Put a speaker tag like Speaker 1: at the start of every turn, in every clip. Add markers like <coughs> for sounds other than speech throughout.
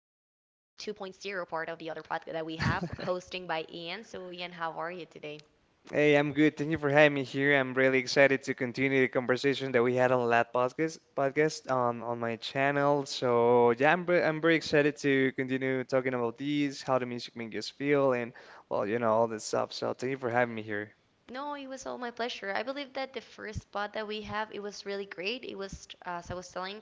Speaker 1: 2.0 part of the other part that we have,
Speaker 2: <laughs>
Speaker 1: hosting by Ian. So Ian, how are you today?
Speaker 2: Hey, I'm good. Thank you for having me here. I'm really excited to continue the conversation that we had on last podcast on my channel. So yeah, I'm very excited to continue talking about these, how the music makes us feel, and well, you know, all this stuff. So thank you for having me here.
Speaker 1: No, it was all my pleasure. I believe that the first spot that we have, it was really great. It was, as I was telling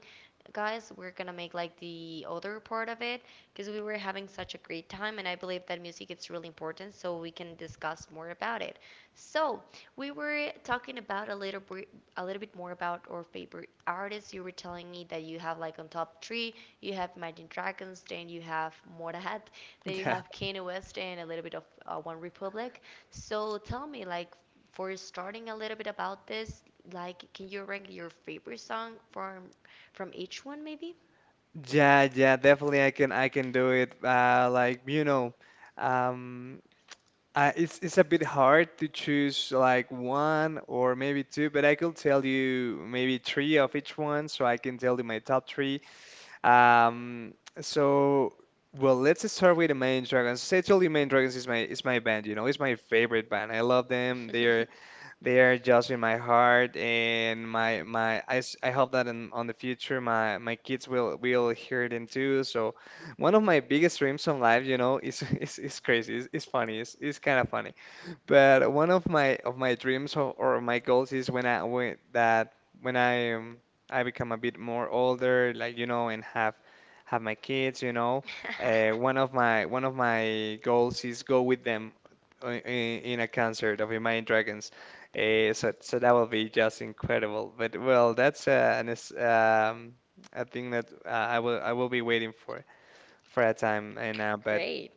Speaker 1: guys, we're gonna make like the other part of it because we were having such a great time, and I believe that music is really important, so we can discuss more about it. So we were talking about a little bit more about our favorite artists. You were telling me that you have like on top three, you have Imagine Dragons, then you have Motorhead, then you have
Speaker 2: <laughs>
Speaker 1: Kanye West, and a little bit of One Republic. So tell me, like, for starting a little bit about this, like, can you rank your favorite song from each one, maybe?
Speaker 2: Yeah, yeah, yeah. Definitely, I can do it. Like you know, um, it's a bit hard to choose like one or maybe two, but I could tell you maybe three of each one, so I can tell you my top three. Um, so well, let's start with the Main Dragons. As I told you, Main Dragons is my band. You know, it's my favorite band. I love them. They are
Speaker 1: <laughs>
Speaker 2: they are just in my heart and my. I hope that in on the future my kids will hear them too. So one of my biggest dreams in life, you know, is <laughs> is crazy. It's funny. It's kind of funny. But one of my dreams, or my goals, is when I when that when I, I become a bit more older, like you know, and have my kids, you know, one of my goals is go with them in a concert of Imagine Dragons. So that will be just incredible. But well, that's a thing that I will be waiting for a time and but.
Speaker 1: Great.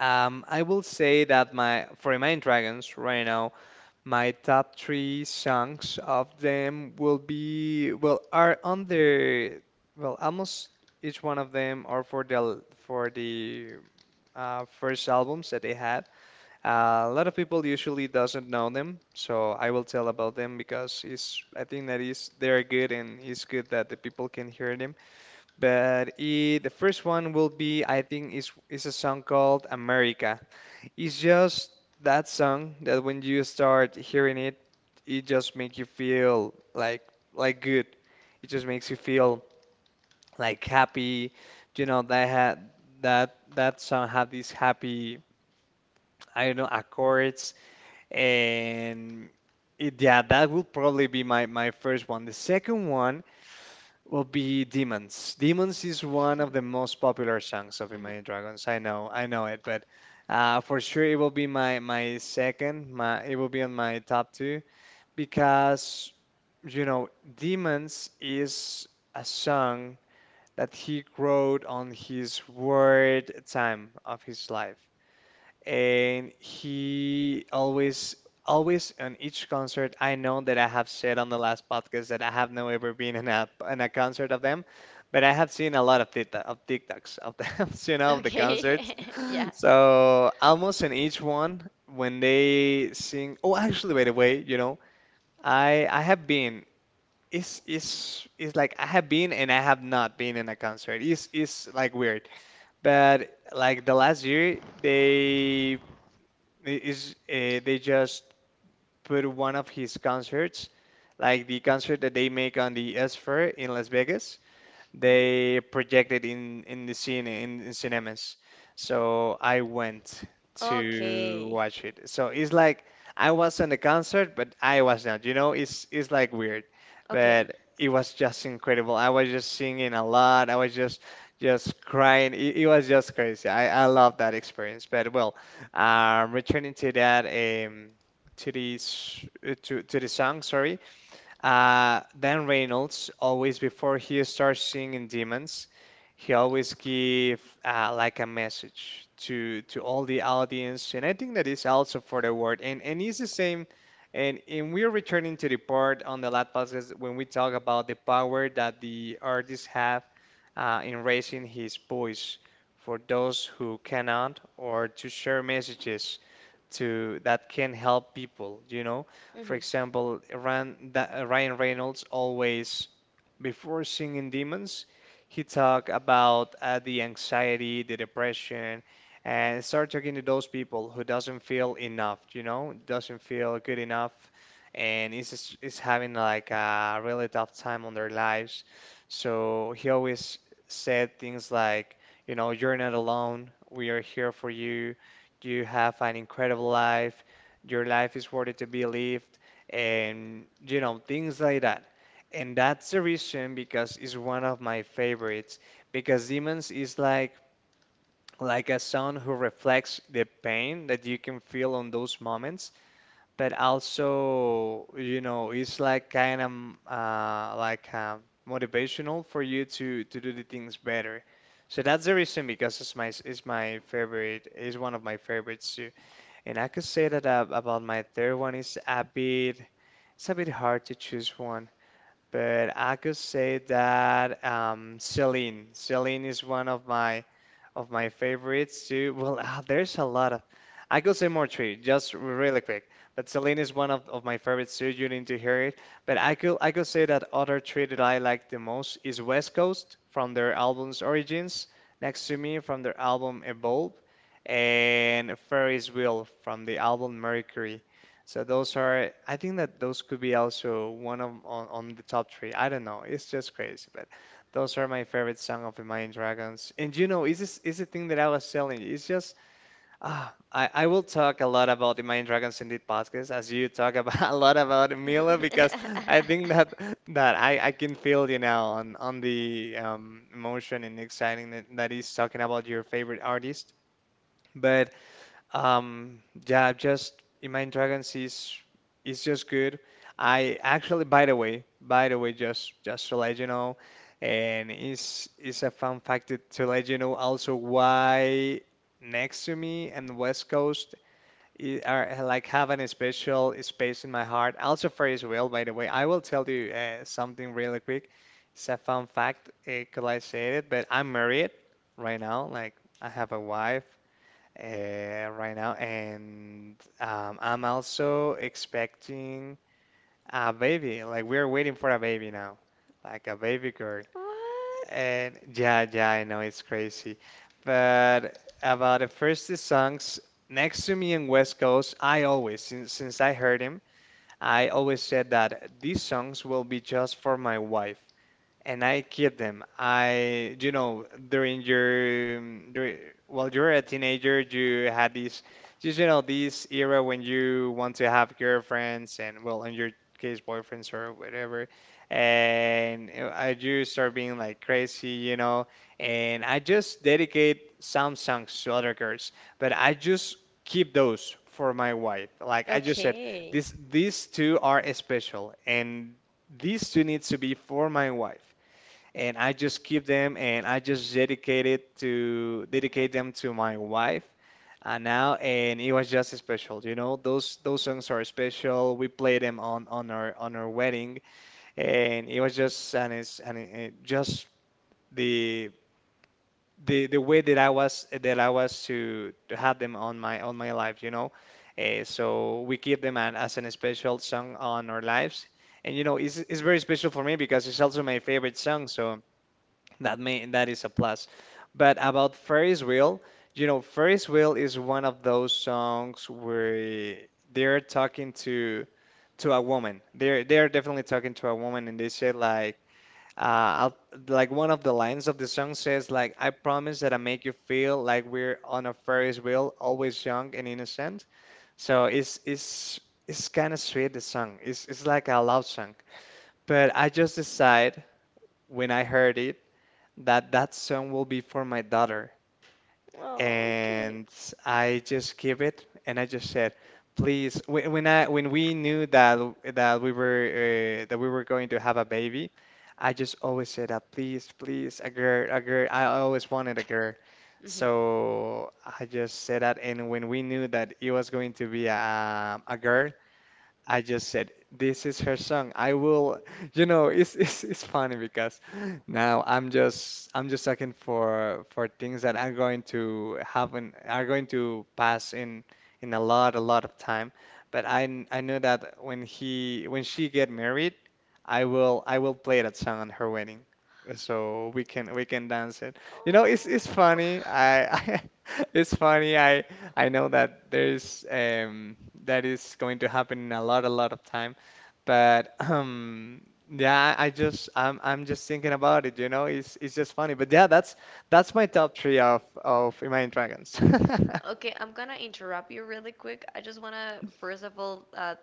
Speaker 2: I will say that my for Imagine Dragons right now. My top three songs of them will be well are under well almost each one of them are for the first albums that they had. A lot of people usually doesn't know them, so I will tell about them because it's I think that is they're good and it's good that the people can hear them. But the first one will be I think is a song called America. It's just that song that when you start hearing it, it just makes you feel like good. It just makes you feel like happy. You know, that had that song had these happy, I don't know, accords and it, yeah, that will probably be my first one. The second one will be Demons. Demons is one of the
Speaker 1: <laughs>
Speaker 2: most popular songs of
Speaker 1: Mhm.
Speaker 2: Imagine Dragons. I know it, but for sure it will be my second. My it will be on my top two because you know Demons is a song that he wrote on his word time of his life, and he always, always on each concert. I know that I have said on the last podcast that I have not ever been in a concert of them, but I have seen a lot of TikTok, of TikToks of them, <laughs> you know, of the concerts.
Speaker 1: Okay. <laughs> Yeah.
Speaker 2: <laughs> So almost in each one when they sing, oh, actually, by the way, you know, I have been, it's like I have been and I have not been in a concert. It's like weird, but like the last year they I- is they just put one of his concerts, like the concert that they make on the S Fair in Las Vegas,
Speaker 1: Mhm.
Speaker 2: they projected in the scene in cinemas. So I went to
Speaker 1: Okay.
Speaker 2: watch it. So it's like I was on the concert, but I was not. You know, it's like weird,
Speaker 1: Okay.
Speaker 2: but it was just incredible. I was just singing a lot. I was just crying. It was just crazy. I love that experience. But well, returning to that um to these to the song, sorry. Dan Reynolds always, before he starts singing Demons, he always give like a message to all the audience, and I think that is also for the word, and it's the same. And we're returning to the part on the last podcast when we talk about the power that the artists have, in raising his voice for those who cannot, or to share messages to that can help people, you know. For
Speaker 1: Mhm.
Speaker 2: example, Ryan, that, Ryan Reynolds always, before singing Demons, he talked about the anxiety, the depression, and start talking to those people who doesn't feel enough, you know, doesn't feel good enough, and is having like a really tough time on their lives. So he always said things like, you know, you're not alone. We are here for you. You have an incredible life. Your life is worthy to be lived, and you know, things like that. And that's the reason because it's one of my favorites. Because Demons is like a song who reflects the pain that you can feel on those moments, but also, you know, it's like kind of uh, like uh, motivational for you to do the things better. So that's the reason because it's my favorite, it's one of my favorites too. And I could say that about my third one is a bit, it's a bit hard to choose one, but I could say that Celine. Celine is one of my favorites too. Well, <laughs> ah, there's a lot of. I could say more three, just really quick. But Celine is one of my favorites too. You need to hear it. But I could say that other three that I like the most is West Coast from their album's Origins, Next to Me from their album Evolve, and Ferris Wheel from the album Mercury. So those are I think that those could be also one of on the top three. I don't know. It's just crazy, but those are my favorite song of the Imagine Dragons. And you know, is this is the thing that I was telling you. It's just ah, I will talk a lot about the Imagine Dragons in this podcast as you talk about <laughs> a lot about Mila because I
Speaker 1: <laughs>
Speaker 2: think that I can feel you now on the emotion and exciting that, that is talking about your favorite artist. But yeah, just Imagine Dragons is just good. I actually, by the way, just to let you know, and it's a fun fact to let you know also why Next to Me and West Coast are like having a special space in my heart. Also for Israel, by the way, I will tell you something really quick. It's a fun fact, could I say it? But I'm married right now. Like I have a wife right now, and I'm also expecting a baby. Like we're waiting for a baby now, like a baby girl.
Speaker 1: What?
Speaker 2: And yeah, yeah, I know it's crazy, but about the first two songs Next to Me in West Coast, I always, since I heard him, I always said that these songs will be just for my wife and I keep them. I, you know, during your, while you are a teenager, you had this, just, you know, this era when you want to have girlfriends and, well, in your case, boyfriends or whatever. And I do start being like crazy, you know, and I just dedicate some songs to other girls, but I just keep those for my wife. Like I just said,
Speaker 1: Okay.
Speaker 2: these two are special, and these two needs to be for my wife, and I just keep them, and I just dedicate them to my wife. And now, and it was just special, you know, those songs are special. We played them on our wedding. And it was just, and it's, it just the the way that I was to have them on my life, you know. So we keep them as an special song on our lives. And you know, it's very special for me because it's also my favorite song, so that may that is a plus. But about Ferris Wheel, you know, Ferris Wheel is one of those songs where they're talking to a woman. They're definitely talking to a woman, and they say like, uh, I'll, like one of the lines of the song says like, I promise that I make you feel like we're on a Ferris wheel, always young and innocent. So it's kind of sweet. The song it's like a love song. But I just decide when I heard it that that song will be for my daughter.
Speaker 1: Oh, okay.
Speaker 2: And I just give it, and I just said, please. When we knew that we were that we were going to have a baby, I just always said that, please, please, a girl. I always wanted a girl.
Speaker 1: Mhm.
Speaker 2: So I just said that, and when we knew that it was going to be a girl, I just said, this is her song. I will. It's funny because now I'm just looking for things that are going to happen are going to pass in in a lot of time. But I know that when he when she get married, I will play that song on her wedding. So we can dance it. You know, it's
Speaker 1: Oh.
Speaker 2: funny. I,
Speaker 1: <laughs>
Speaker 2: <laughs> I it's funny. I know that there's that is going to happen in a lot of time, but <clears throat> yeah, I'm just thinking about it, you know, it's just funny. But yeah, that's my top three of Imagine Dragons. <laughs>
Speaker 1: Okay, I'm gonna interrupt you really quick. I just wanna, first of all,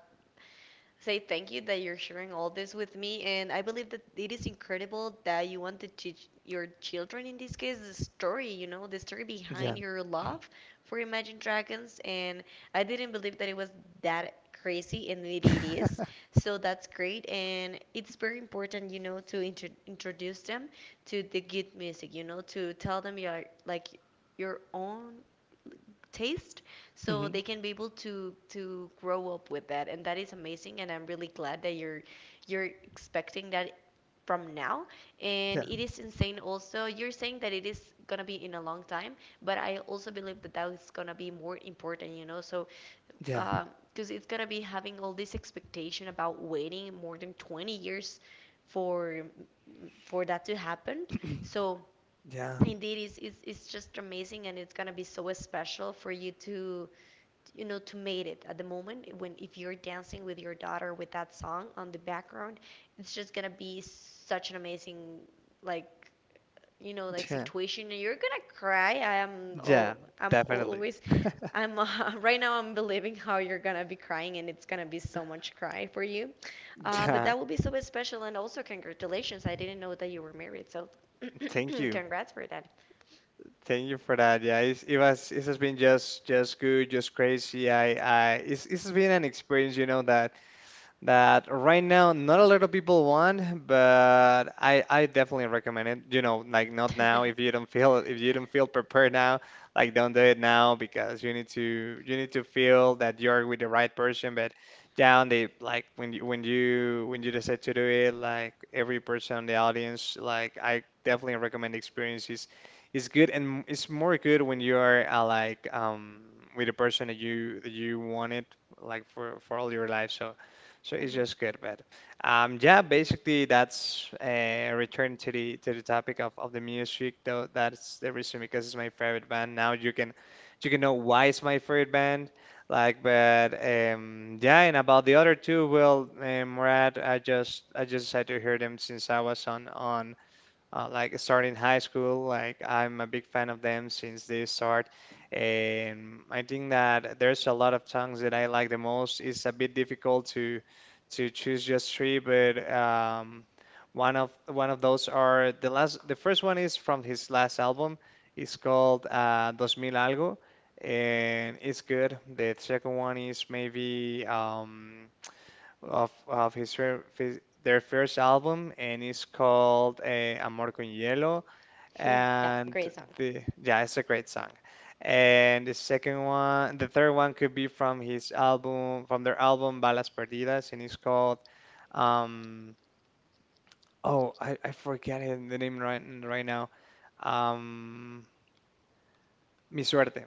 Speaker 1: say thank you that you're sharing all this with me. And I believe that it is incredible that you want to teach your children, in this case, the story, you know, the story behind
Speaker 2: Yeah.
Speaker 1: your love for Imagine Dragons. And I didn't believe that it was that crazy, and it is. So that's great. And it's very important, you know, to introduce them to the good music, you know, to tell them you are like your own taste so
Speaker 2: Hmm.
Speaker 1: they can be able to grow up with that, and that is amazing, and I'm really glad that you're expecting that from now, and
Speaker 2: Yeah.
Speaker 1: it is insane. Also, you're saying that it is gonna be in a long time, but I also believe that that is gonna be more important, you know, so
Speaker 2: Yeah.
Speaker 1: because it's gonna be having all this expectation about waiting more than 20 years for for that to happen.
Speaker 2: <clears throat>
Speaker 1: So
Speaker 2: Yeah.
Speaker 1: indeed, it's just amazing, and it's going to be so special for you to, you know, to made it at the moment when if you're dancing with your daughter with that song on the background, it's just gonna be such an amazing, like, you know, like
Speaker 2: Yeah.
Speaker 1: situation, and you're gonna cry. I am
Speaker 2: Yeah.
Speaker 1: all, I'm
Speaker 2: Definitely.
Speaker 1: always, I'm <laughs> right now I'm believing how you're gonna be crying, and it's gonna be so much cry for you. But
Speaker 2: Yeah.
Speaker 1: that will be so special, and also congratulations. I didn't know that you were married, so
Speaker 2: Thank
Speaker 1: <coughs> <clears throat>
Speaker 2: you.
Speaker 1: congrats for that.
Speaker 2: Thank you for that. Yeah, it was it has been just good, just crazy. I it's been an experience, you know, that right now not a lot of people want, but I definitely recommend it. You know, like not now
Speaker 1: <laughs>
Speaker 2: if you don't feel if you don't feel prepared now, like don't do it now because you need to feel that you're with the right person. But down the like when you decide to do it, like every person in the audience, like I definitely recommend the experience is good and it's more good when you are like with the person that you wanted like for all your life. So. So it's just good, but yeah, basically that's a return to the topic of the music though. That's the reason because it's my favorite band. Now you can know why it's my favorite band. Like, but yeah, and about the other two, well, Murad, I just decided to hear them since I was on like starting high school. Like I'm a big fan of them since they start, and I think that there's a lot of songs that I like the most. It's a bit difficult to choose just three, but one of those are the last. The first one is from his last album. It's called Dos Mil algo, and it's good. The second one is maybe. Of his, their first album, and it's called Amor con Hielo,
Speaker 1: Mhm. Yeah,
Speaker 2: and
Speaker 1: great song.
Speaker 2: the yeah, it's a great song. And the second one, the third one could be from his album, from their album Balas Perdidas, and it's called um oh I forget the name right now. Um, Mi Suerte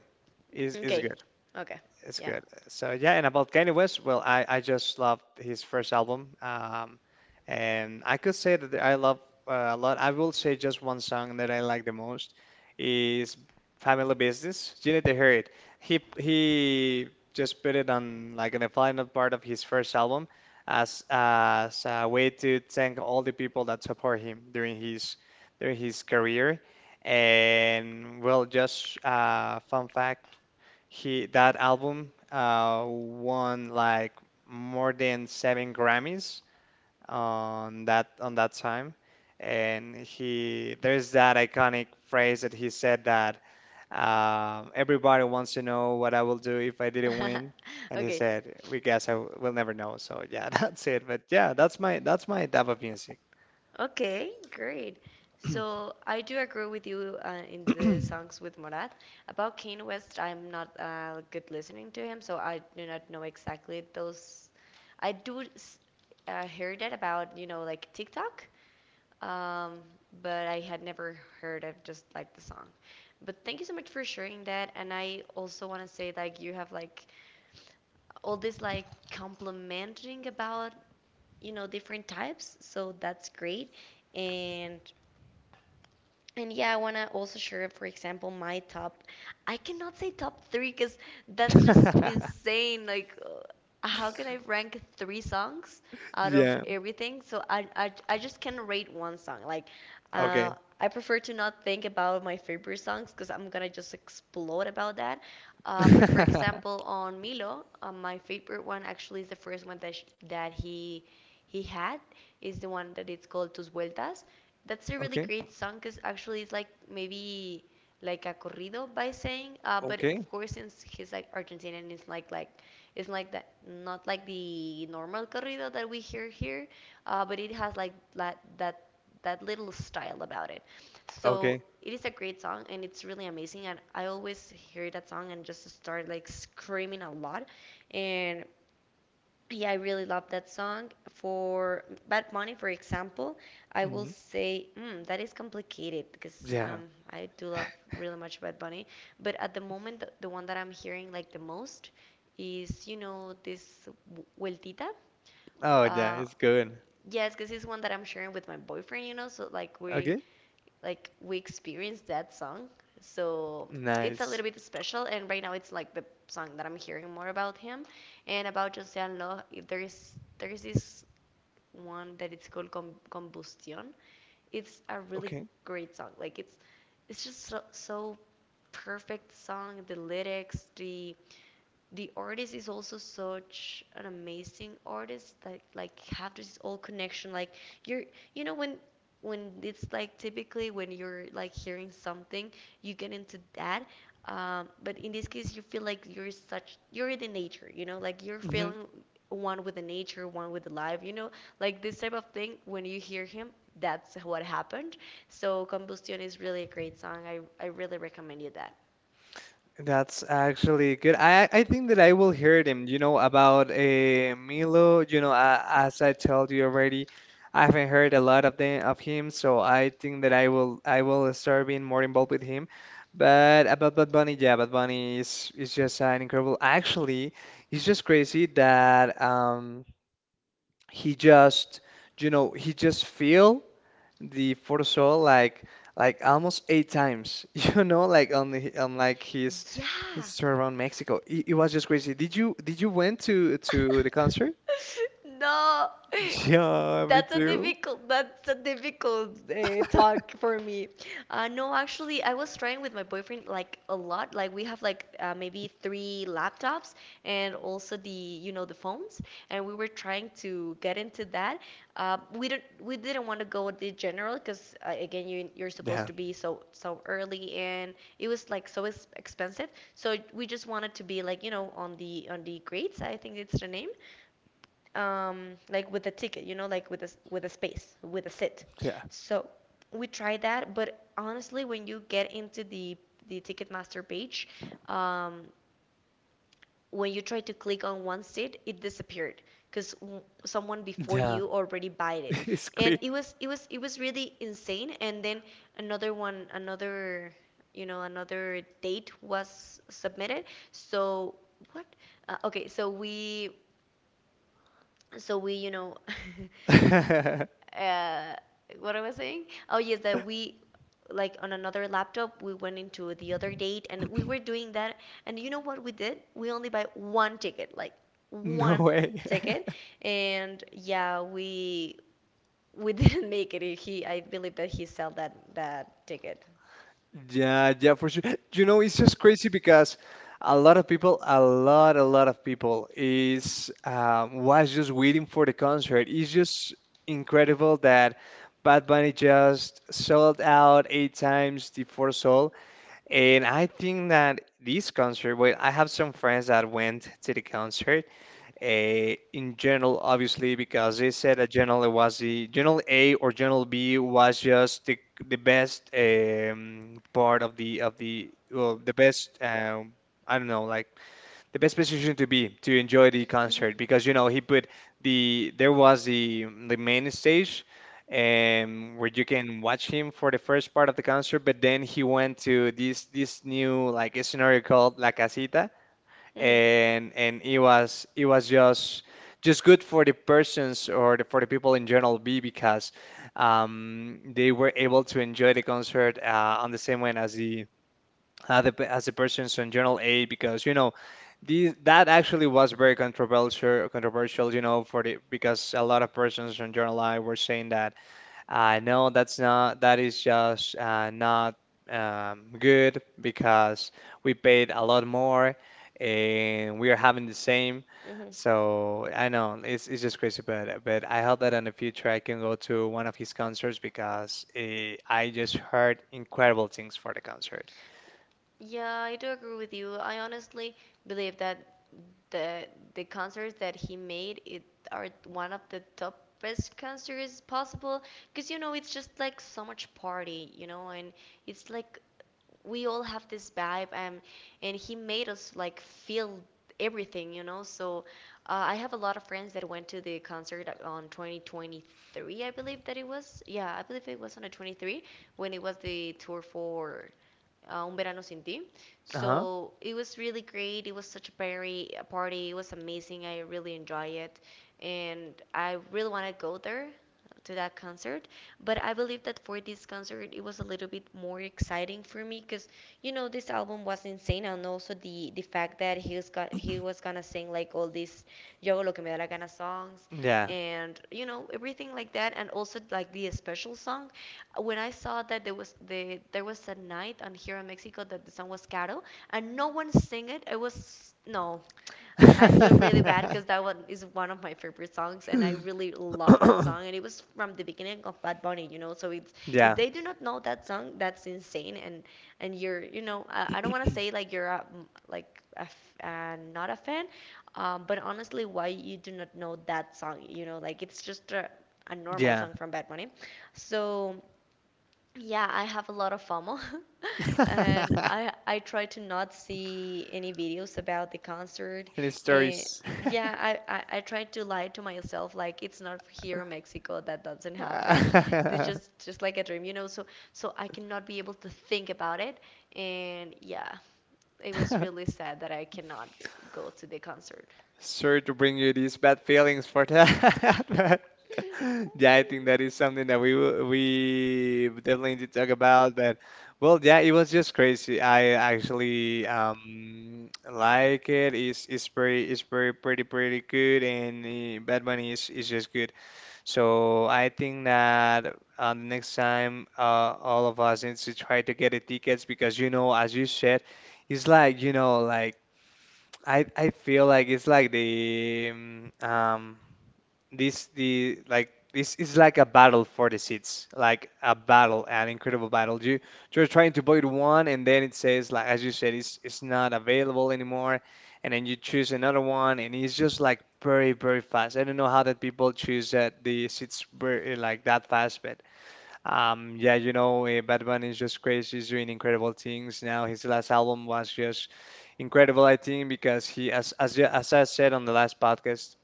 Speaker 2: is
Speaker 1: Okay.
Speaker 2: good.
Speaker 1: Okay.
Speaker 2: It's
Speaker 1: Yeah.
Speaker 2: good. So yeah, and about Kanye West, well, I just loved his first album, and I could say that I love a lot. I will say just one song that I like the most is Family Business. You need to hear it. He just put it on like in the final part of his first album as a way to thank all the people that support him during his career. And well, just fun fact. He That album won like more than seven Grammys on that time, and he there's that iconic phrase that he said that everybody wants to know what I will do if I didn't
Speaker 1: <laughs>
Speaker 2: win, and he
Speaker 1: Okay.
Speaker 2: said we guess I will never know. So yeah, <laughs> that's it. But yeah, that's my type of music.
Speaker 1: Okay, great. So I do agree with you in the songs with Morat. About Kanye West, I'm not good listening to him, so I do not know exactly those. I do s- Hear that about, you know, like TikTok, um, but I had never heard of just like the song. But thank you so much for sharing that. And I also want to say like you have like all this like complimenting about, you know, different types, so that's great. And and yeah, I want to also share, for example, my top. I cannot say top three because that's just
Speaker 2: <laughs>
Speaker 1: insane. Like, how can I rank three songs out of
Speaker 2: Yeah.
Speaker 1: everything? So I just can rate one song. Like, uh,
Speaker 2: Okay.
Speaker 1: I prefer to not think about my favorite songs because I'm going to just explode about that.
Speaker 2: <laughs>
Speaker 1: But for example, on Milo, my favorite one actually is the first one that, he had, is the one that it's called Tus Vueltas. That's a really
Speaker 2: Okay.
Speaker 1: great song because actually it's like maybe like a corrido by saying, but
Speaker 2: Okay.
Speaker 1: of course since he's like Argentinian, it's like it's like that, not like the normal corrido that we hear here, but it has like that that little style about it. So
Speaker 2: Okay.
Speaker 1: it is a great song, and it's really amazing, and I always hear that song and just start like screaming a lot, and yeah, I really love that song. For Bad Money, for example, I will
Speaker 2: Hmm.
Speaker 1: say mm, that is complicated because
Speaker 2: Yeah.
Speaker 1: I do love really much Bad Bunny. But at the moment, the one that I'm hearing like the most is, you know, this w- Vueltita.
Speaker 2: Oh yeah,
Speaker 1: Uh,
Speaker 2: it's good.
Speaker 1: yes, because it's one that I'm sharing with my boyfriend, you know. So
Speaker 2: Okay.
Speaker 1: like we experienced that song. So it's a
Speaker 2: Nice.
Speaker 1: little bit special, and right now it's like the song that I'm hearing more about him, and about José Allo. There is there is this one that it's called Combustion. It's a really
Speaker 2: Okay.
Speaker 1: great song. Like it's just so, so perfect song. The lyrics, the artist is also such an amazing artist that like have this old connection, like you're you know when it's like typically when you're like hearing something, you get into that. But in this case, you feel like you're in the nature, you know, like you're
Speaker 2: Hmm.
Speaker 1: feeling one with the nature, one with the life, you know, like this type of thing. When you hear him, that's what happened. So Combustion is really a great song. I really recommend you that.
Speaker 2: That's actually good. I think that I will hear him. You know, about Milo, you know, as I told you already, I haven't heard a lot of the of him, so I think that I will start being more involved with him. But about Bad Bunny, yeah, Bad Bunny is just an incredible. Actually, it's just crazy that he just, you know, he just feel. The photoshop like almost eight times, <laughs> you know, like on the, on like his tour around Mexico. It was just crazy. Did you went to
Speaker 1: Yeah.
Speaker 2: the
Speaker 1: <laughs>
Speaker 2: concert? <laughs>
Speaker 1: No.
Speaker 2: Yeah, me too.
Speaker 1: That's a difficult talk for me. No, actually, I was trying with my boyfriend like a lot. Like we have like maybe three laptops, and also the, you know, the phones, and we were trying to get into that. We didn't want to go with the general because again you you're supposed
Speaker 2: Yeah,
Speaker 1: to be so so early, and it was like so expensive. So we just wanted to be like, you know, on the grades. I think it's the name, like with a ticket, you know, like with a with a space, with a sit.
Speaker 2: yeah,
Speaker 1: So we tried that, but honestly, when you get into the Ticketmaster page, um, when you try to click on one seat, it disappeared because someone before
Speaker 2: yeah.
Speaker 1: you already bought
Speaker 2: <laughs>
Speaker 1: it,
Speaker 2: It's
Speaker 1: and
Speaker 2: quick.
Speaker 1: it was it was really insane. And then another one, another, you know, another date was submitted. So what? Okay, so we, you know, <laughs>
Speaker 2: <laughs>
Speaker 1: uh, what I was saying? Oh, yes, that we, like on another laptop, we went into the other date and we were doing that, and you know what we did? We only buy one ticket, like
Speaker 2: No
Speaker 1: one
Speaker 2: way.
Speaker 1: ticket, and yeah, we <laughs> didn't make it. He, I believe that he sold that ticket.
Speaker 2: Yeah, yeah, for sure. You know, it's just crazy because a lot of people, a lot of people is was just waiting for the concert. It's just incredible that Bad Bunny just sold out eight times the first sold, and I think that this concert. Well, I have some friends that went to the concert, a in general, obviously, because they said that general was the general A or general B was just the best part of the well the best I don't know like the best position to be to enjoy the
Speaker 1: Mhm.
Speaker 2: concert because you know he put there was the main stage where you can watch him for the first part of the concert, but then he went to this new like scenario called La Casita
Speaker 1: Mhm.
Speaker 2: and it was just good for the persons or the, for the people in general B because they were able to enjoy the concert on the same way as the as the persons in general A because you know these that actually was very controversial you know for the because a lot of persons in general I were saying that I know that's not, that is just not good because we paid a lot more and we are having the same.
Speaker 1: Mhm.
Speaker 2: So I know it's just crazy, but I hope that in the future I can go to one of his concerts because I just heard incredible things for the concert.
Speaker 1: Yeah, I do agree with you. I honestly believe that the the concerts that he made it are one of the top best concerts possible, because you know it's just like so much party, you know, and it's like we all have this vibe, and he made us like feel everything, you know. So I have a lot of friends that went to the concert on 2023. I believe that it was, yeah, I believe it was on the 23, when it was the tour for Un Verano Sin Ti.
Speaker 2: Uh-huh.
Speaker 1: So it was really great. It was such a party. A party. It was amazing. I really enjoy it, and I really want to go there to that concert. But I believe that for this concert, it was a little bit more exciting for me because, you know, this album was insane, and also the fact that he was gonna sing like all these Yo hago lo que me da la gana songs,
Speaker 2: Yeah.
Speaker 1: and you know everything like that, and also like the special song, when I saw that there was a night on here in Mexico that the song was Caro and no one sing it. It was no. I feel really bad because
Speaker 2: <coughs>
Speaker 1: that one is one of my favorite songs, and I really love that song. And it
Speaker 2: <laughs>
Speaker 1: was from the beginning of Bad Bunny, you know. So it's, if
Speaker 2: Yeah.
Speaker 1: they do not know that song, that's insane. And you're, you know, I don't want to say like you're a, like a f not a fan, but honestly, why you do not know that song? You know, like it's just a normal
Speaker 2: Yeah.
Speaker 1: song from Bad Bunny. So yeah, I have a lot of FOMO, <laughs> and
Speaker 2: <laughs>
Speaker 1: I try to not see any videos about the concert.
Speaker 2: Any
Speaker 1: And
Speaker 2: stories?
Speaker 1: yeah, I I try to lie to myself like it's not here in Mexico, that doesn't happen. It's
Speaker 2: <laughs>
Speaker 1: just like a dream, you know. So I cannot be able to think about it. And yeah, it was really sad that I cannot go to the concert.
Speaker 2: Sorry to bring you these bad feelings for that. <laughs> But yeah, I think that is
Speaker 1: <laughs>
Speaker 2: something that we will, we definitely need to talk about. But well, yeah, it was just crazy. I actually like it. It's it's very pretty good, and Bad Bunny is just good. So I think that next time all of us needs to try to get the tickets because you know, as you said, it's like you know like. I feel like it's like the this the like this is like a battle for the seats, like a battle, an incredible battle. You you're trying to buy one, and then it says like as you said, it's not available anymore, and then you choose another one, and it's just like very fast. I don't know how that people choose that the seats very, like that fast, but yeah, you know, Bad Bunny is just crazy. He's doing incredible things now. His last album was just incredible, I think, because he, as I said on the last podcast,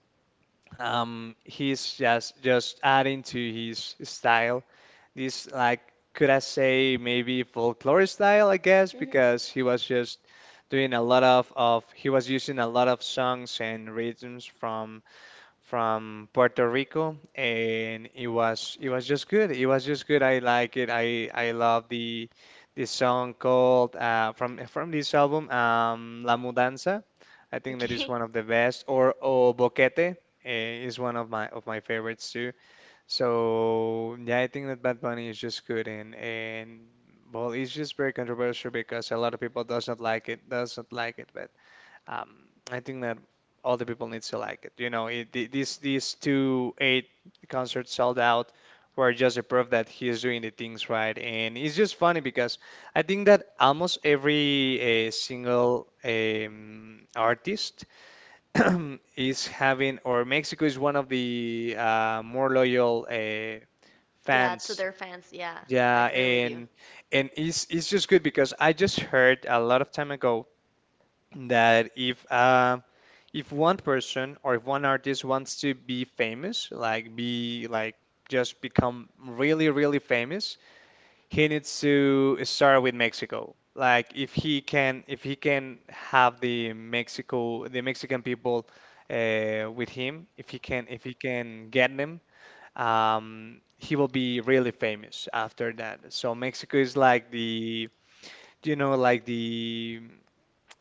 Speaker 2: he's just adding to his style. This like could I say maybe folklore style, I guess, because he was just doing a lot of he was using a lot of songs and rhythms from Puerto Rico, and it was just good. It was just good. I like it. I love the song called from this album, La Mudanza. I think that
Speaker 1: Okay.
Speaker 2: is one of the best. Or O Boquete is one of my favorites too. So yeah, I think that Bad Bunny is just good and well, it's just very controversial because a lot of people doesn't like it, but. I think that all the people needs to like it. You know, these two eight concerts sold out were just a proof that he is doing the things right, and it's just funny because I think that almost every single artist <clears throat> is having, or Mexico is one of the more loyal
Speaker 1: Yeah, to
Speaker 2: fans.
Speaker 1: their fans. Yeah, I
Speaker 2: Yeah,
Speaker 1: agree with you.
Speaker 2: and it's just good because I just heard a lot of time ago that if one person or if one artist wants to be famous, like be like just become really famous, he needs to start with Mexico. Like if he can have the Mexican people with him, if he can get them, he will be really famous after that. So Mexico is like the like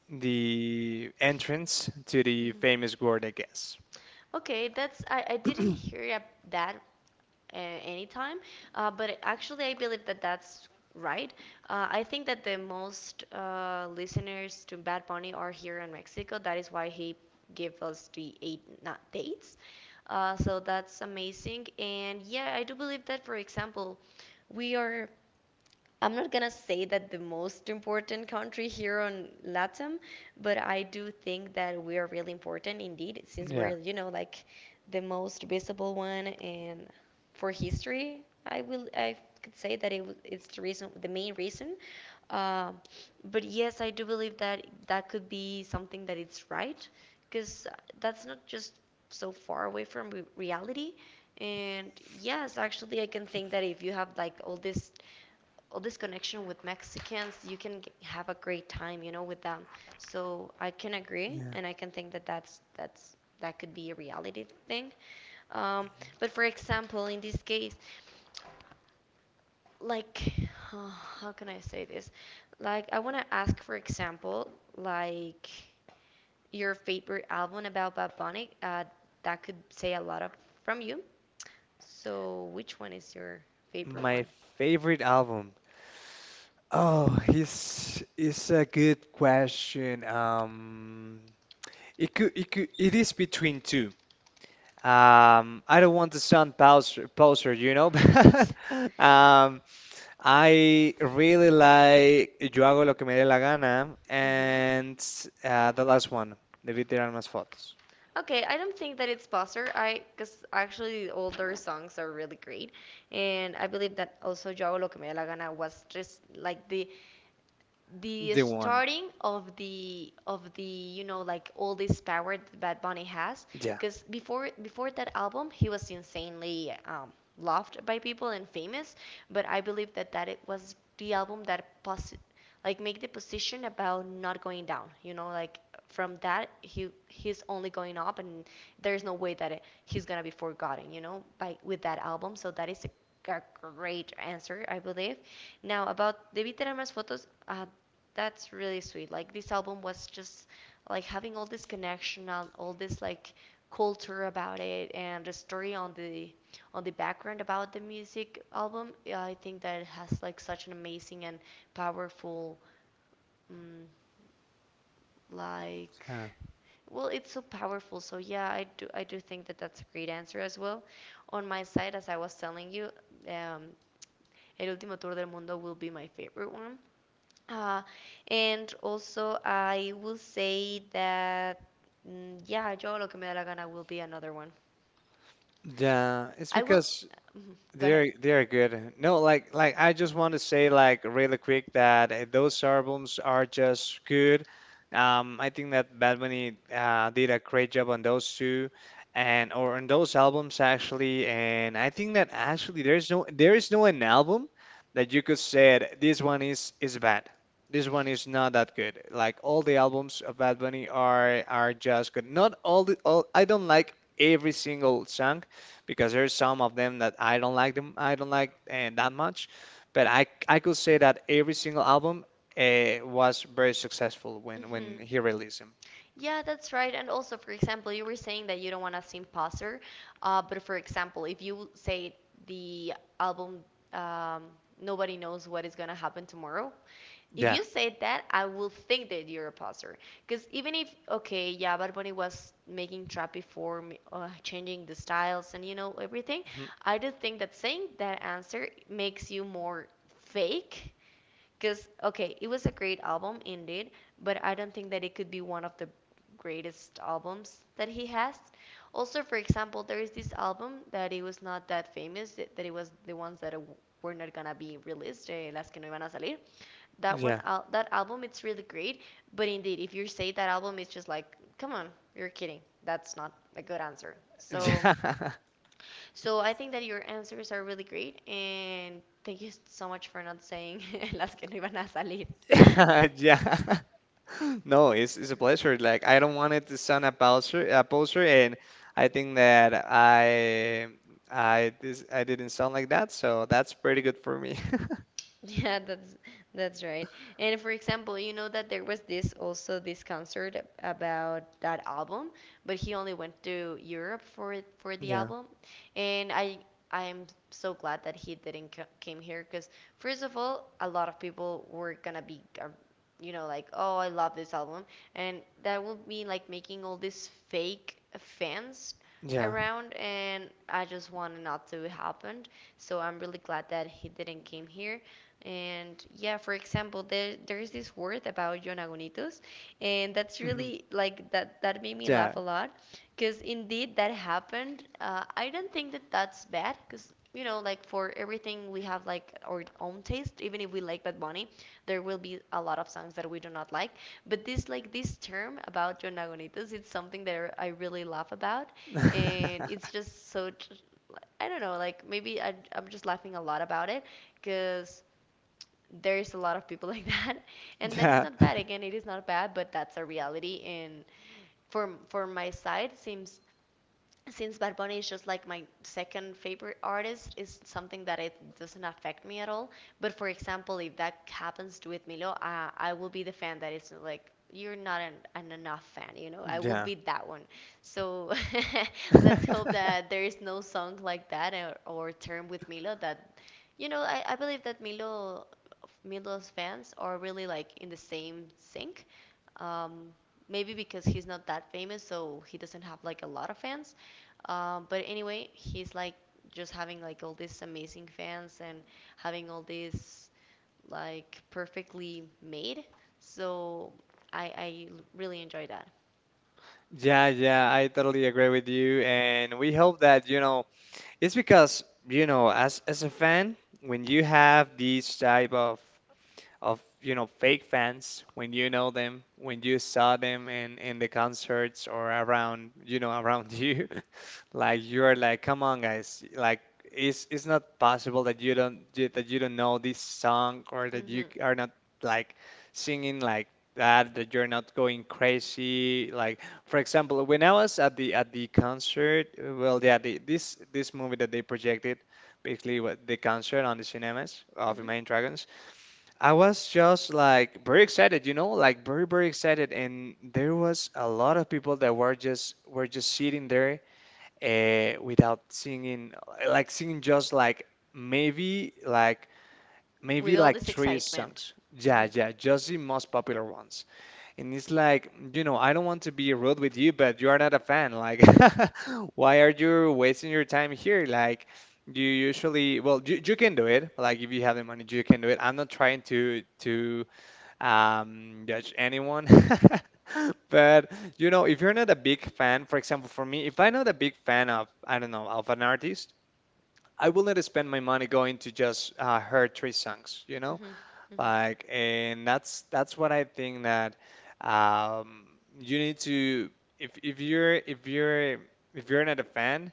Speaker 2: the entrance to the
Speaker 1: Mm-hmm.
Speaker 2: famous gourd, I guess.
Speaker 1: Okay, that's I didn't
Speaker 2: <clears throat>
Speaker 1: hear ab- that uh, anytime, but actually I believe that that's right. I think that the most listeners to Bad Bunny are here in Mexico. That is why he gave us the eight not dates. So that's amazing. And yeah, I do believe that, for example, we are I'm not gonna say that the most important country here on LATAM, but I do think that we are really important indeed, since
Speaker 2: Yeah.
Speaker 1: we're, you know, like the most visible one. And for history, I could say that it's the reason, the main reason. Um but yes, I do believe that that could be something that it's right, because that's not just so far away from reality. And yes, actually, I can think that if you have like all this connection with Mexicans, you can have a great time, you know, with them. So I can agree,
Speaker 2: Yeah.
Speaker 1: and I can think that that could be a reality thing. Um, but for example, in this case, like, <sighs> how can I say this? Like, I want to ask, for example, like your favorite album about Bad Bunny. That could say a lot of from you. So, which one is your favorite
Speaker 2: My
Speaker 1: one?
Speaker 2: favorite album. Oh, it's a good question. It is between two. I don't want to sound poser, <laughs> but
Speaker 1: <laughs>
Speaker 2: um, I really like Yo hago lo que me dé la gana
Speaker 1: hmm
Speaker 2: and the last one, The Vida eran más fotos.
Speaker 1: Okay, I don't think that it's Buster. I because actually all their songs are really great, and I believe that also Yo Hago Lo Que Me Da La Gana was just like the
Speaker 2: The one,
Speaker 1: starting of the you know like all this power that Bad Bunny has,
Speaker 2: yeah.
Speaker 1: because before that album he was insanely loved by people and famous, but I believe that it was the album that like make the position about not going down, you know, like from that he he's only going up, and there's no way that he's gonna be forgotten, you know, by with that album. So that is a great answer, I believe. Now about Debí tener más fotos, that's really sweet. Like this album was just like having all this connection and all this like culture about it and the story on the background about the music album. Yeah, I think that it has like such an amazing and powerful um, like well, it's so powerful. So yeah, I do think that that's a great answer as well. On my side, as I was telling you, um, El Último Tour del Mundo will be my favorite one. Uh, and also, I will say that, mm, yeah, Yo Lo Que Me Da La Gana will be another one.
Speaker 2: Yeah, it's
Speaker 1: I will.
Speaker 2: because
Speaker 1: Mhm, go ahead.
Speaker 2: they're good. No, like I just want to say like really quick that those albums are just good. I think that Bad Bunny did a great job on those two, and or on those albums actually. And I think that actually there is no an album that you could say it, this one is bad. This one is not that good. Like all the albums of Bad Bunny are just good. Not all the all. I don't like every single song because there's some of them that I don't like that much but I could say that every single album was very successful
Speaker 1: Hmm.
Speaker 2: when he released them
Speaker 1: Yeah, that's right. And also, for example, you were saying that you don't want to seem poser, but for example, if you say the album, um, Nobody Knows What Is Gonna Happen Tomorrow, if
Speaker 2: yeah.
Speaker 1: you say that, I will think that you're a poser. Because even if, okay, yeah, Bad Bunny was making trap before, changing the styles and you know everything,
Speaker 2: Mhm.
Speaker 1: I do think that saying that answer makes you more fake. Because, okay, it was a great album indeed, but I don't think that it could be one of the greatest albums that he has. Also, for example, there is this album that it was not that famous, that it was the ones that were not gonna be released, eh, las que no iban a salir.
Speaker 2: Yeah.
Speaker 1: That album it's really great, but indeed if you say that album it's just like, come on, you're kidding, that's not a good answer. So
Speaker 2: <laughs>
Speaker 1: so I think that your answers are really great, and thank you so much for not saying <laughs> las que no iban a salir. <laughs>
Speaker 2: Yeah. <laughs> Yeah. <laughs> No, it's, it's a pleasure like I don't want it to sound a poser and I think that I didn't sound like that so that's pretty good for me.
Speaker 1: <laughs> Yeah, that's right. And for example, you know that there was this also this concert about that album, but he only went to Europe for the
Speaker 2: <laughs> Yeah.
Speaker 1: album. And I am so glad that he didn't co came here, because first of all, a lot of people were gonna be you know like, "Oh, I love this album." And that would mean like making all these fake fans
Speaker 2: Yeah.
Speaker 1: around, and I just want it not to happen. So I'm really glad that he didn't came here. And yeah, for example, there is this word about yonagunitos, and that's
Speaker 2: Mhm,
Speaker 1: really like that that made me
Speaker 2: yeah.
Speaker 1: laugh a lot, because indeed that happened. I don't think that that's bad, because you know, like for everything we have like our own taste. Even if we like Bad Bunny, there will be a lot of songs that we do not like. But this like this term about yonagunitos, it's something that I really laugh about, and
Speaker 2: <laughs>
Speaker 1: it's just so. I don't know, like maybe I'm just laughing a lot about it because there's a lot of people <laughs> like that, and that it's
Speaker 2: Yeah.
Speaker 1: not bad, again it is not bad, but that's a reality. And for my side seems, since Bad Bunny is just like my second favorite artist, is something that it doesn't affect me at all. But for example, if that happens with Milo, I will be the fan that is like, you're not an, an enough fan, you know. I will
Speaker 2: Yeah.
Speaker 1: be that one. So <laughs> let's
Speaker 2: <laughs>
Speaker 1: hope that there is no song like that, or term with Milo that, you know, I believe that Milo's fans are really like in the same sync. Um, Maybe because he's not that famous, so he doesn't have like a lot of fans. But anyway, he's like just having like all these amazing fans and having all these like perfectly made. So really enjoy that.
Speaker 2: Yeah, yeah, I totally agree with you, and we hope that, you know, it's because, you know, as a fan, when you have these type of you know fake fans when you know them, when you saw them in the concerts or around you know around you, <laughs> like you're like, come on guys, like it's not possible that you don't you- that you don't know this song or that you
Speaker 1: Mhm.
Speaker 2: are not like singing like that that you're not going crazy like for example when I was at the concert well yeah this this movie that they projected basically what the concert on the cinemas of
Speaker 1: Mhm.
Speaker 2: Imagine Dragons I was just like very excited, you know, like very, very excited. And there was a lot of people that were just sitting there without singing, like singing just like maybe like
Speaker 1: With
Speaker 2: maybe
Speaker 1: all
Speaker 2: like
Speaker 1: this
Speaker 2: three
Speaker 1: excitement.
Speaker 2: songs. Yeah,
Speaker 1: Mhm.
Speaker 2: yeah, just the most popular ones. And it's like, you know, I don't want to be rude with you, but you are not a fan. Like, <laughs> why are you wasting your time here? Like, you usually, well, you can do it. Like, if you have the money, you can do it. I'm not trying to judge anyone. <laughs> But you know, if you're not a big fan, for example, for me, if I'm not a big fan of, I don't know, of an artist, I will not spend my money going to just her three songs, you know?
Speaker 1: Mhm.
Speaker 2: Like, and that's what I think that um, you need to, if if you're if you're if you're not a fan,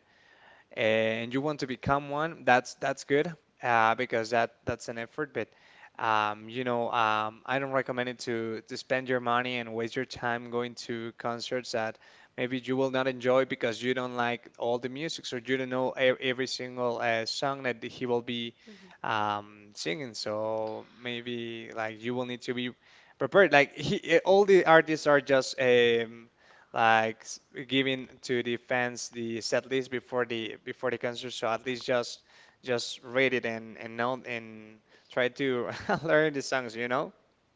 Speaker 2: and you want to become one, that's good because that that's an effort. But I don't recommend it to spend your money and waste your time going to concerts that maybe you will not enjoy because you don't like all the music, so you don't know e- every single song that he will be
Speaker 1: Mhm.
Speaker 2: singing. So maybe like you will need to be prepared. Like all the artists are just like s- giving to the fans the set list before the concert so at least just read it and know and try to <laughs> learn the songs you know.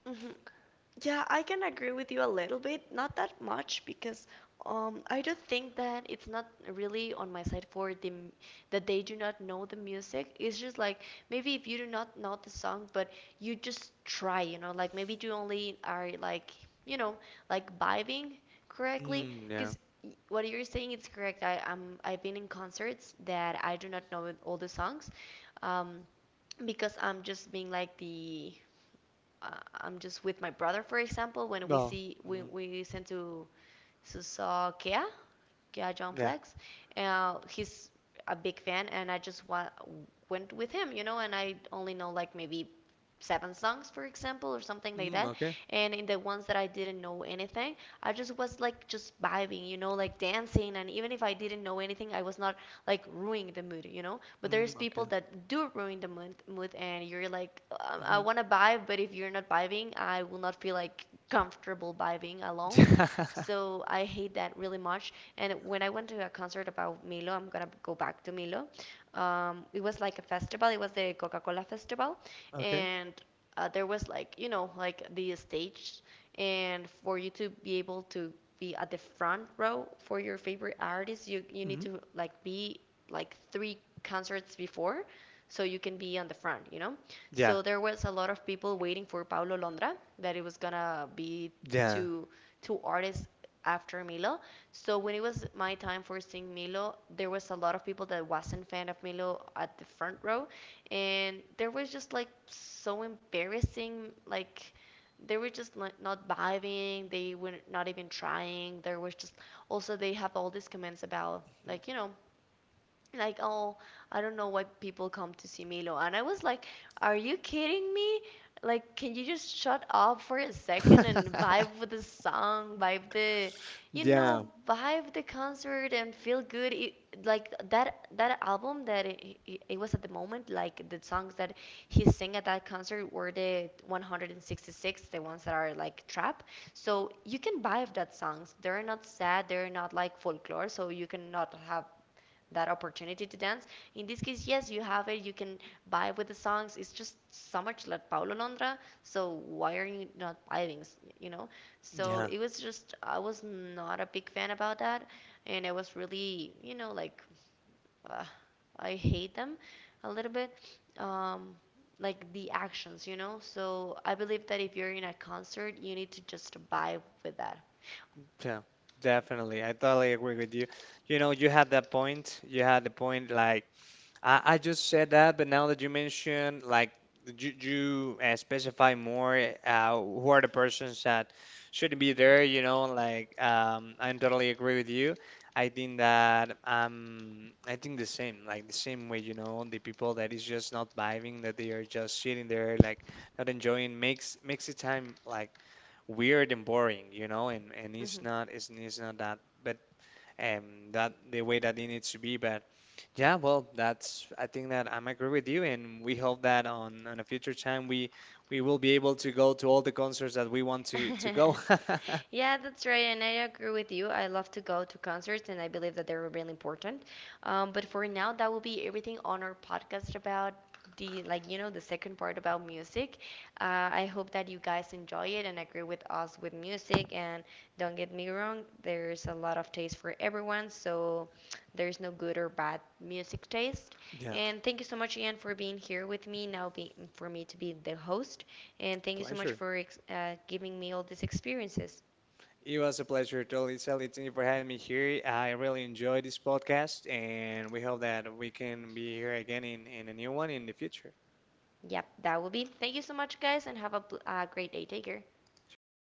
Speaker 1: Mhm. Yeah, I can agree with you a little bit, not that much, because I do think that it's not really on my side for that they do not know the music. It's just like maybe if you do not know the song, but you just try, you know, like maybe you only are like you know like vibing correctly,
Speaker 2: yeah.
Speaker 1: because what you're saying is correct. I've been in concerts that I do not know all the songs, um, because I'm just being like the uh, I'm just with my brother, for example, when we
Speaker 2: Well.
Speaker 1: see
Speaker 2: Mhm,
Speaker 1: we sent to saw Kea, Kea
Speaker 2: yeah.
Speaker 1: Jonplex, he's a big fan, and I just went with him, you know, and I only know like maybe 7 songs, for example, or something like that.
Speaker 2: Okay.
Speaker 1: And in the ones that I didn't know anything, I just was like just vibing, you know, like dancing, and even if I didn't know anything, I was not like ruining the mood, you know. But there's
Speaker 2: Okay.
Speaker 1: people that do ruin the mood, and you're like, I
Speaker 2: Hmm.
Speaker 1: want to vibe, but if you're not vibing, I will not feel like comfortable vibing alone.
Speaker 2: <laughs>
Speaker 1: So I hate that really much. And when I went to a concert about Milo, I'm gonna go back to Milo. It was like a festival. It was the Coca-Cola festival,
Speaker 2: Okay.
Speaker 1: and there was like you know like the stage, and for you to be able to be at the front row for your favorite artist, you need
Speaker 2: Hmm.
Speaker 1: to like be like three concerts before, so you can be on the front, you know?
Speaker 2: Yeah.
Speaker 1: So there was a lot of people waiting for Paulo Londra that it was gonna be
Speaker 2: Yeah.
Speaker 1: two two artists after Milo. So when it was my time for seeing Milo, there was a lot of people that wasn't fan of Milo at the front row, and there was just like so embarrassing, like they were just like not vibing, they were not even trying. There was just also they have all these comments about
Speaker 2: Mhm.
Speaker 1: like you know like, oh, I don't know why people come to see Milo, and I was like, are you kidding me, like can you just shut up for a second and vibe
Speaker 2: <laughs>
Speaker 1: with the song, vibe the you
Speaker 2: Yeah.
Speaker 1: know vibe the concert and feel good. Like that that album that it was at the moment, like the songs that he sang at that concert were the 166, the ones that are like trap, so you can vibe that songs, they're not sad, they're not like folklore, so you cannot have that opportunity to dance. In this case, yes, you have it. You can vibe with the songs. It's just so much like Paulo Londra. So why are you not vibing? You know. So
Speaker 2: Yeah.
Speaker 1: it was just I was not a big fan about that, and I was really you know like uh, I hate them a little bit. Um, like the actions, you know. So I believe that if you're in a concert, you need to just vibe with that.
Speaker 2: Yeah, definitely. I totally agree with you. You know, you had that point. You had the point like I just said that, but now that you mention like you specify more who are the persons that should be there, you know, like I totally agree with you. I think that I think the same, like the same way, you know, the people that is just not vibing, that they are just sitting there like not enjoying makes makes the time like weird and boring, you know, and, it's not that but that the way that it needs to be. But yeah, well that's I think that I'm agree with you and we hope that on a future time we will be able to go to all the concerts that we want to
Speaker 1: Hmm. <laughs>
Speaker 2: go. <laughs>
Speaker 1: Yeah, that's right, and I agree with you. I love to go to concerts, and I believe that they're really important. But for now, that will be everything on our podcast about the, like, you know, the second part about music. I hope that you guys enjoy it and agree with us with music. And don't get me wrong, there's a lot of taste for everyone, so there's no good or bad music taste.
Speaker 2: Yeah,
Speaker 1: And thank you so much, Ian, for being here with me now, for me to be the host. And thank you so much
Speaker 2: pleasure.
Speaker 1: for giving me all these experiences.
Speaker 2: It was a pleasure, totally, Sally. Thank you for having me here. I really enjoyed this podcast, and we hope that we can be here again in a new one in the future.
Speaker 1: Yep, that will be. Thank you so much, guys, and have a great day. Take care.
Speaker 2: Sure, you do.